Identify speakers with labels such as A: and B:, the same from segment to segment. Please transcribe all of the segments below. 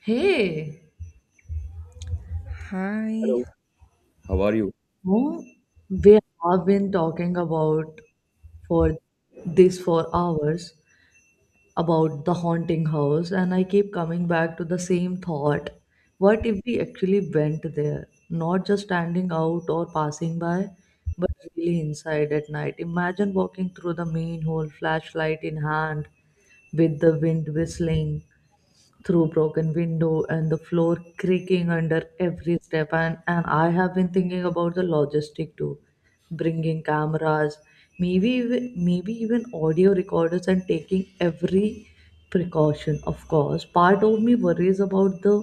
A: Hey,
B: Hi.
C: Hello. How are you?
A: who we have been talking about for this for hours about the haunting house, and I keep coming back to the same thought. What if we actually went there, not just standing out or passing by, but really inside at night? Imagine walking through the main hall, flashlight in hand, with the wind whistling through broken window and the floor creaking under every step and I have been thinking about the logistic too, bringing cameras, maybe even audio recorders and taking every precaution. Of course part of me worries about the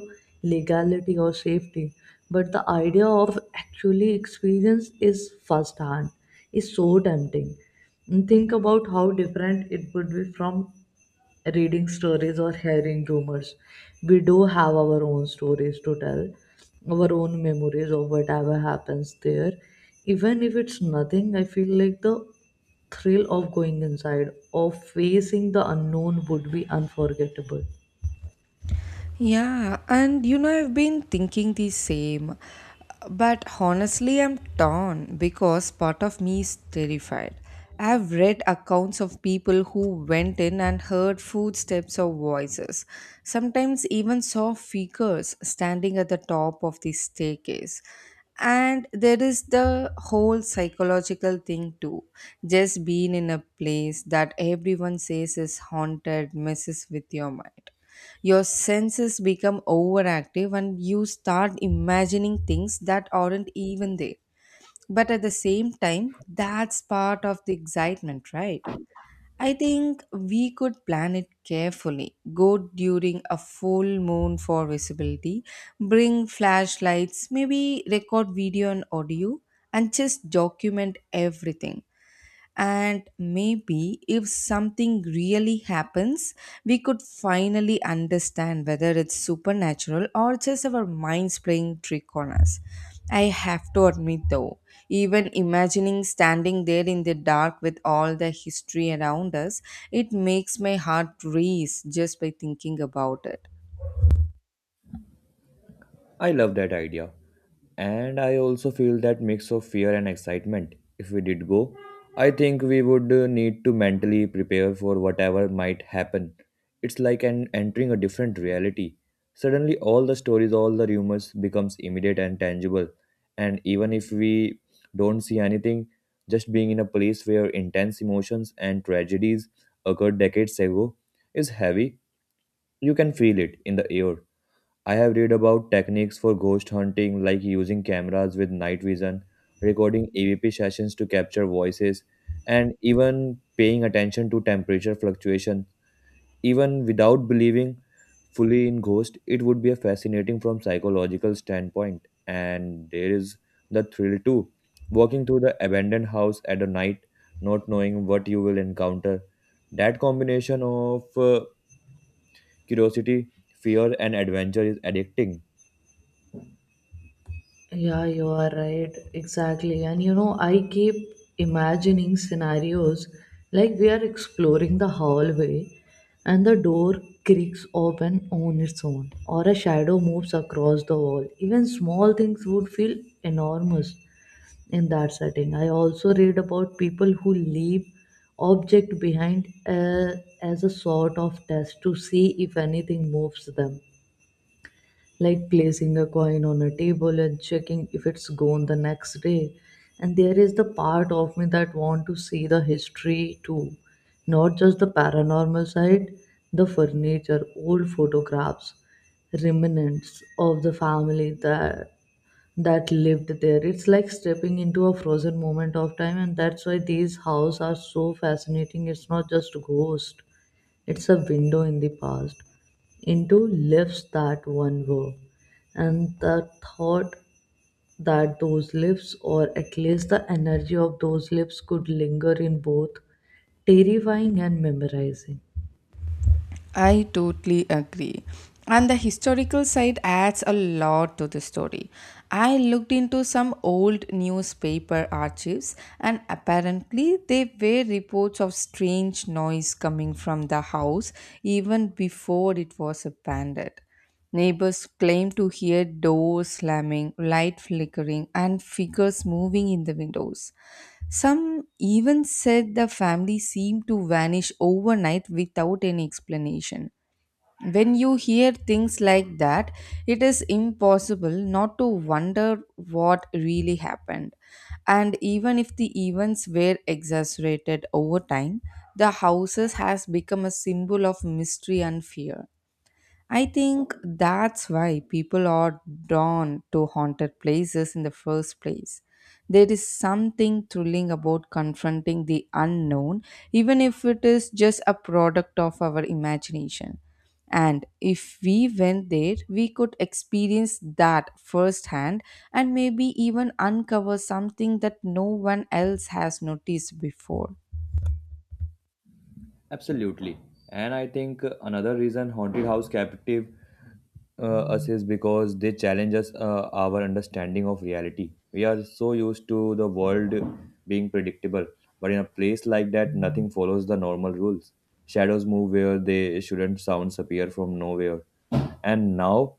A: legality or safety, but the idea of actually experience is first hand is so tempting. And think about how different it would be from reading stories or hearing rumors. We do have our own stories to tell, our own memories of whatever happens there. Even if it's nothing, I feel like the thrill of going inside, of facing the unknown would be unforgettable.
B: Yeah, and you know, I've been thinking the same. But honestly, I'm torn because part of me is terrified. I've read accounts of people who went in and heard footsteps or voices, sometimes even saw figures standing at the top of the staircase. And there is the whole psychological thing too. Just being in a place that everyone says is haunted messes with your mind. Your senses become overactive and you start imagining things that aren't even there. But at the same time, that's part of the excitement, right? I think we could plan it carefully. Go during a full moon for visibility, bring flashlights, maybe record video and audio, and just document everything. And maybe if something really happens, we could finally understand whether it's supernatural or just our minds playing trick on us. I have to admit though, even imagining standing there in the dark with all the history around us, it makes my heart race just by thinking about it.
C: I love that idea. And I also feel that mix of fear and excitement. If we did go, I think we would need to mentally prepare for whatever might happen. It's like an entering a different reality. Suddenly all the stories, all the rumors becomes immediate and tangible. And even if we don't see anything, just being in a place where intense emotions and tragedies occurred decades ago is heavy. You can feel it in the air. I have read about techniques for ghost hunting like using cameras with night vision, recording EVP sessions to capture voices, and even paying attention to temperature fluctuation. Even without believing fully in ghosts, it would be a fascinating from psychological standpoint. And there is the thrill too. Walking through the abandoned house at a night, not knowing what you will encounter. That combination of curiosity, fear, and adventure is addicting.
A: Yeah, you are right. Exactly. And you know, I keep imagining scenarios like we are exploring the hallway and the door creaks open on its own, or a shadow moves across the wall. Even small things would feel enormous in that setting. I also read about people who leave object behind, as a sort of test to see if anything moves them, like placing a coin on a table and checking if it's gone the next day. And there is the part of me that want to see the history too, not just the paranormal side, the furniture, old photographs, remnants of the family that lived there. It's like stepping into a frozen moment of time, and that's why these houses are so fascinating. It's not just ghost; it's a window in the past, into lives that one were, and the thought that those lives, or at least the energy of those lives, could linger in both terrifying and memorizing.
B: I totally agree. And the historical side adds a lot to the story. I looked into some old newspaper archives, and apparently, there were reports of strange noise coming from the house even before it was abandoned. Neighbors claim to hear doors slamming, light flickering, and figures moving in the windows. Some even said the family seemed to vanish overnight without any explanation. When you hear things like that, it is impossible not to wonder what really happened. And even if the events were exaggerated over time, the houses has become a symbol of mystery and fear. I think that's why people are drawn to haunted places in the first place. There is something thrilling about confronting the unknown, even if it is just a product of our imagination. And if we went there, we could experience that firsthand and maybe even uncover something that no one else has noticed before.
C: Absolutely. And I think another reason Haunted House captive us is because they challenge us, our understanding of reality. We are so used to the world being predictable, but in a place like that, nothing follows the normal rules. Shadows move where they shouldn't, sounds appear from nowhere. And now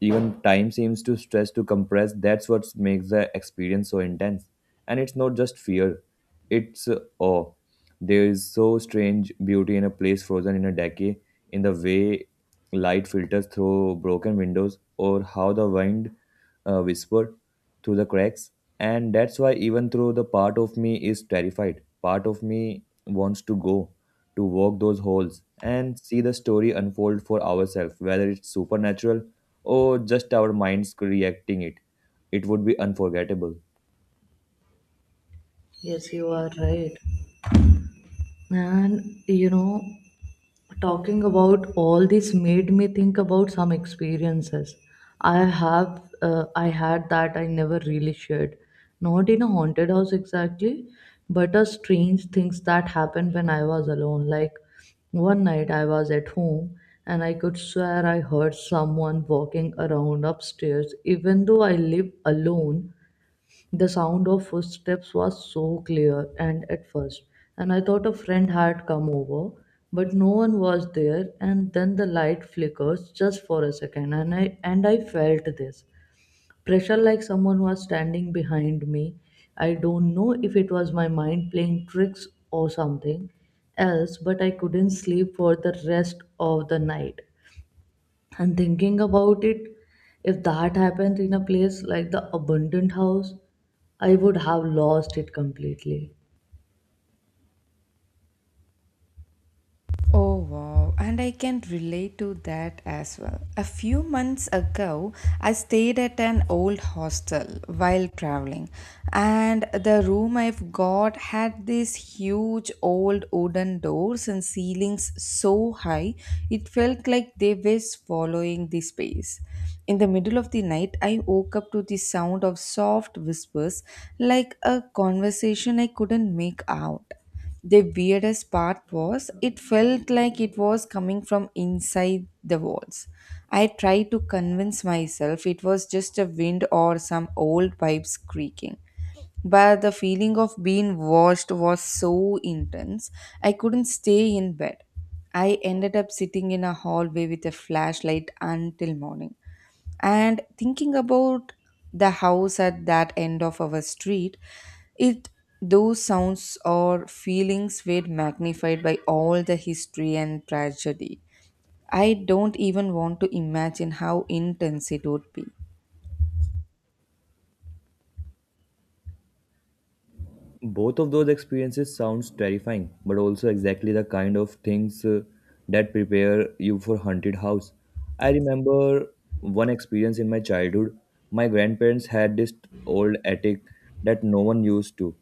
C: even time seems to stress to compress, that's what makes the experience so intense. And it's not just fear, it's awe. There is so strange beauty in a place frozen in a decade, in the way light filters through broken windows or how the wind whispered through the cracks. And that's why even though the part of me is terrified, part of me wants to go, to walk those holes and see the story unfold for ourselves, whether it's supernatural or just our minds reacting it, would be unforgettable.
A: Yes, you are right. And you know, talking about all this made me think about some experiences i have I had that I never really shared, not in a haunted house exactly, but a strange things that happened when I was alone. Like one night I was at home and I could swear I heard someone walking around upstairs even though I live alone. The sound of footsteps was so clear and at first, and I thought a friend had come over, but no one was there, and then the light flickers just for a second, and I felt this pressure like someone was standing behind me. I don't know if it was my mind playing tricks or something else, but I couldn't sleep for the rest of the night. And thinking about it, if that happened in a place like the abundant house, I would have lost it completely.
B: Oh wow, and I can relate to that as well. A few months ago, I stayed at an old hostel while traveling, and the room I've got had these huge old wooden doors and ceilings so high it felt like they were swallowing the space. In the middle of the night, I woke up to the sound of soft whispers like a conversation I couldn't make out. The weirdest part was it felt like it was coming from inside the walls. I tried to convince myself it was just a wind or some old pipes creaking. But the feeling of being watched was so intense, I couldn't stay in bed. I ended up sitting in a hallway with a flashlight until morning and thinking about the house at that end of our street, it, those sounds or feelings were magnified by all the history and tragedy. I don't even want to imagine how intense it would be.
C: Both of those experiences sounds terrifying, but also exactly the kind of things that prepare you for haunted house. I remember one experience in my childhood. My grandparents had this old attic that no one used to.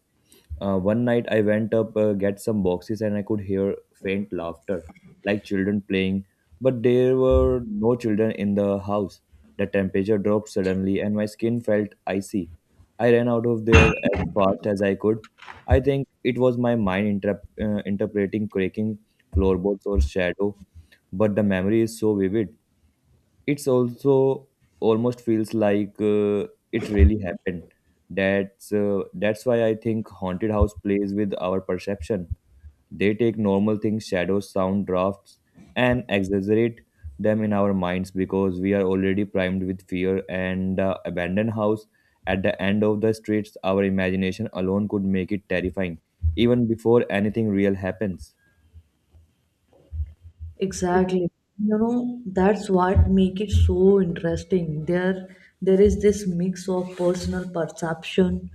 C: One night I went up get some boxes and I could hear faint laughter, like children playing. But there were no children in the house. The temperature dropped suddenly and my skin felt icy. I ran out of there as fast as I could. I think it was my mind interpreting cracking floorboards or shadow, but the memory is so vivid. It's also almost feels like it really happened. That's why I think haunted house plays with our perception. They take normal things, shadows, sound, drafts, and exaggerate them in our minds because we are already primed with fear and the abandoned house at the end of the streets. Our imagination alone could make it terrifying, even before anything real happens.
A: Exactly. You know, that's what make it so interesting. There is this mix of personal perception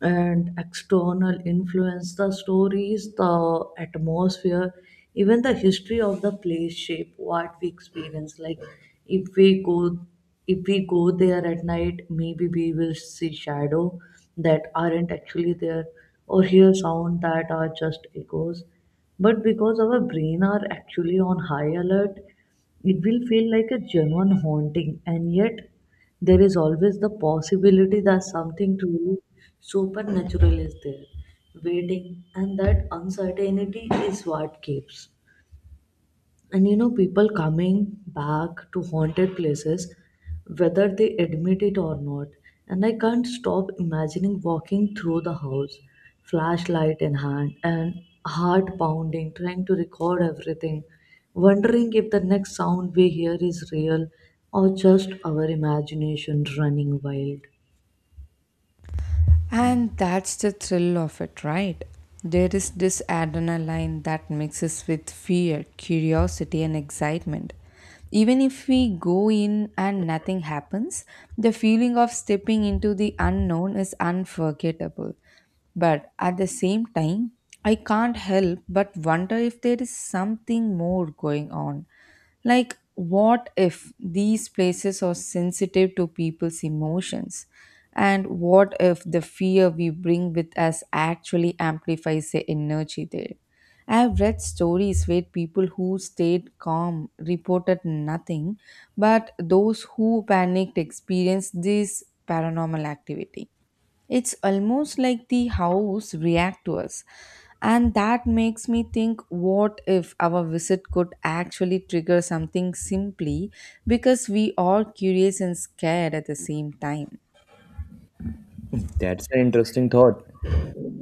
A: and external influence. The stories, the atmosphere, even the history of the place shape what we experience. Like if we go if we go there at night, maybe we will see shadow that aren't actually there or hear sound that are just echoes, but because our brain are actually on high alert it will feel like a genuine haunting. And yet there is always the possibility that something truly supernatural is there waiting, and that uncertainty is what keeps, and you know, people coming back to haunted places, whether they admit it or not. And I can't stop imagining walking through the house, flashlight in hand, and heart pounding, trying to record everything, wondering if the next sound we hear is real or just our imagination running wild.
B: And that's the thrill of it, right? There is this adrenaline that mixes with fear, curiosity, and excitement. Even if we go in and nothing happens, the feeling of stepping into the unknown is unforgettable. But at the same time, I can't help but wonder if there is something more going on, like, what if these places are sensitive to people's emotions? And what if the fear we bring with us actually amplifies the energy there? I have read stories where people who stayed calm reported nothing, but those who panicked experienced this paranormal activity. It's almost like the house react to us. And that makes me think, what if our visit could actually trigger something simply because we are curious and scared at the same time.
C: That's an interesting thought.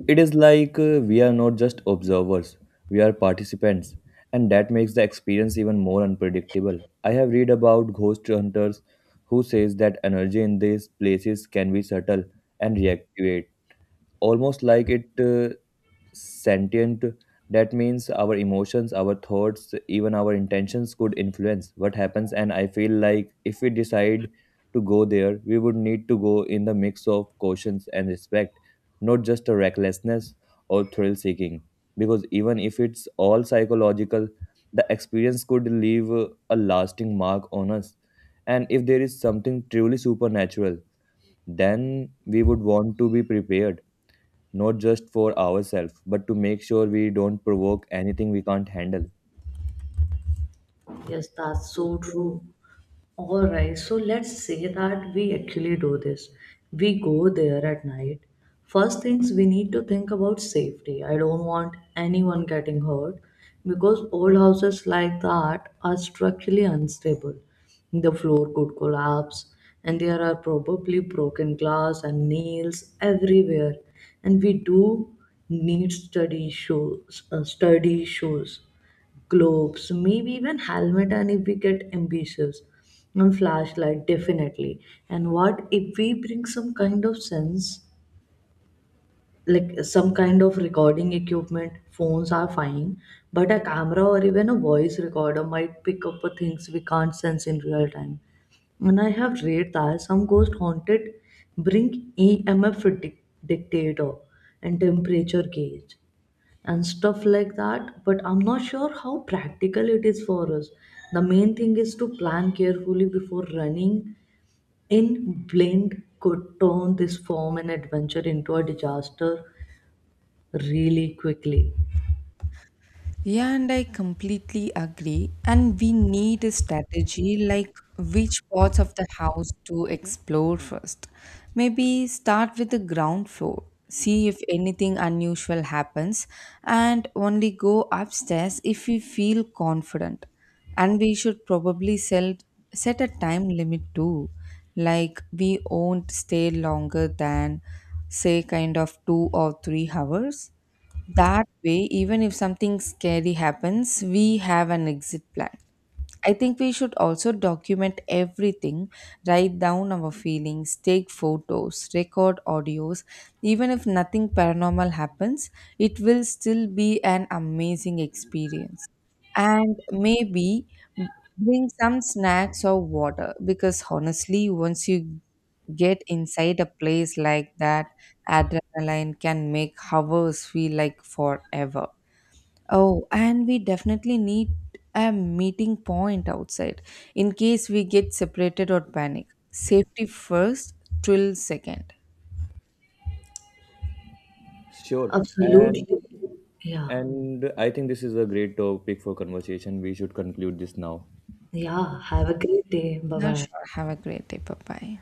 C: It is like we are not just observers, we are participants, and that makes the experience even more unpredictable. I have read about ghost hunters who says that energy in these places can be subtle and reactive, almost like it sentient. That means our emotions, our thoughts, even our intentions could influence what happens. And I feel like if we decide to go there, we would need to go in the mix of cautions and respect, not just a recklessness or thrill seeking, because even if it's all psychological, the experience could leave a lasting mark on us. And if there is something truly supernatural, then we would want to be prepared, not just for ourselves, but to make sure we don't provoke anything we can't handle.
A: Yes, that's so true. All right, so let's say that we actually do this. We go there at night. First things we need to think about safety. I don't want anyone getting hurt because old houses like that are structurally unstable. The floor could collapse and there are probably broken glass and nails everywhere. And we do need sturdy shoes, gloves, maybe even helmet, and if we get ambitious and flashlight definitely. And what if we bring some kind of sense, like some kind of recording equipment? Phones are fine, but a camera or even a voice recorder might pick up the things we can't sense in real time. And I have read that some ghost haunted bring EMF dictator and temperature gauge and stuff like that, but I'm not sure how practical it is for us. The main thing is to plan carefully. Before running in blind could turn this form and adventure into a disaster really quickly.
B: Yeah, and I completely agree. And we need a strategy like which parts of the house to explore first. Maybe start with the ground floor, see if anything unusual happens, and only go upstairs if we feel confident. And we should probably sell, set a time limit too. Like we won't stay longer than, say, kind of 2 or 3 hours, that way, even if something scary happens, we have an exit plan. I think we should also document everything, write down our feelings, take photos, record audios. Even if nothing paranormal happens, it will still be an amazing experience. And maybe bring some snacks or water because honestly, once you get inside a place like that, adrenaline can make hours feel like forever. Oh, and we definitely need a meeting point outside in case we get separated or panic. Safety first, thrill second.
C: Sure.
A: Absolutely.
C: And
A: Yeah,
C: and I think this is a great topic for conversation. We should conclude this now.
A: yeah, have a great day. Bye
B: Yeah,
A: bye.
B: sure. Have a great day. Bye bye.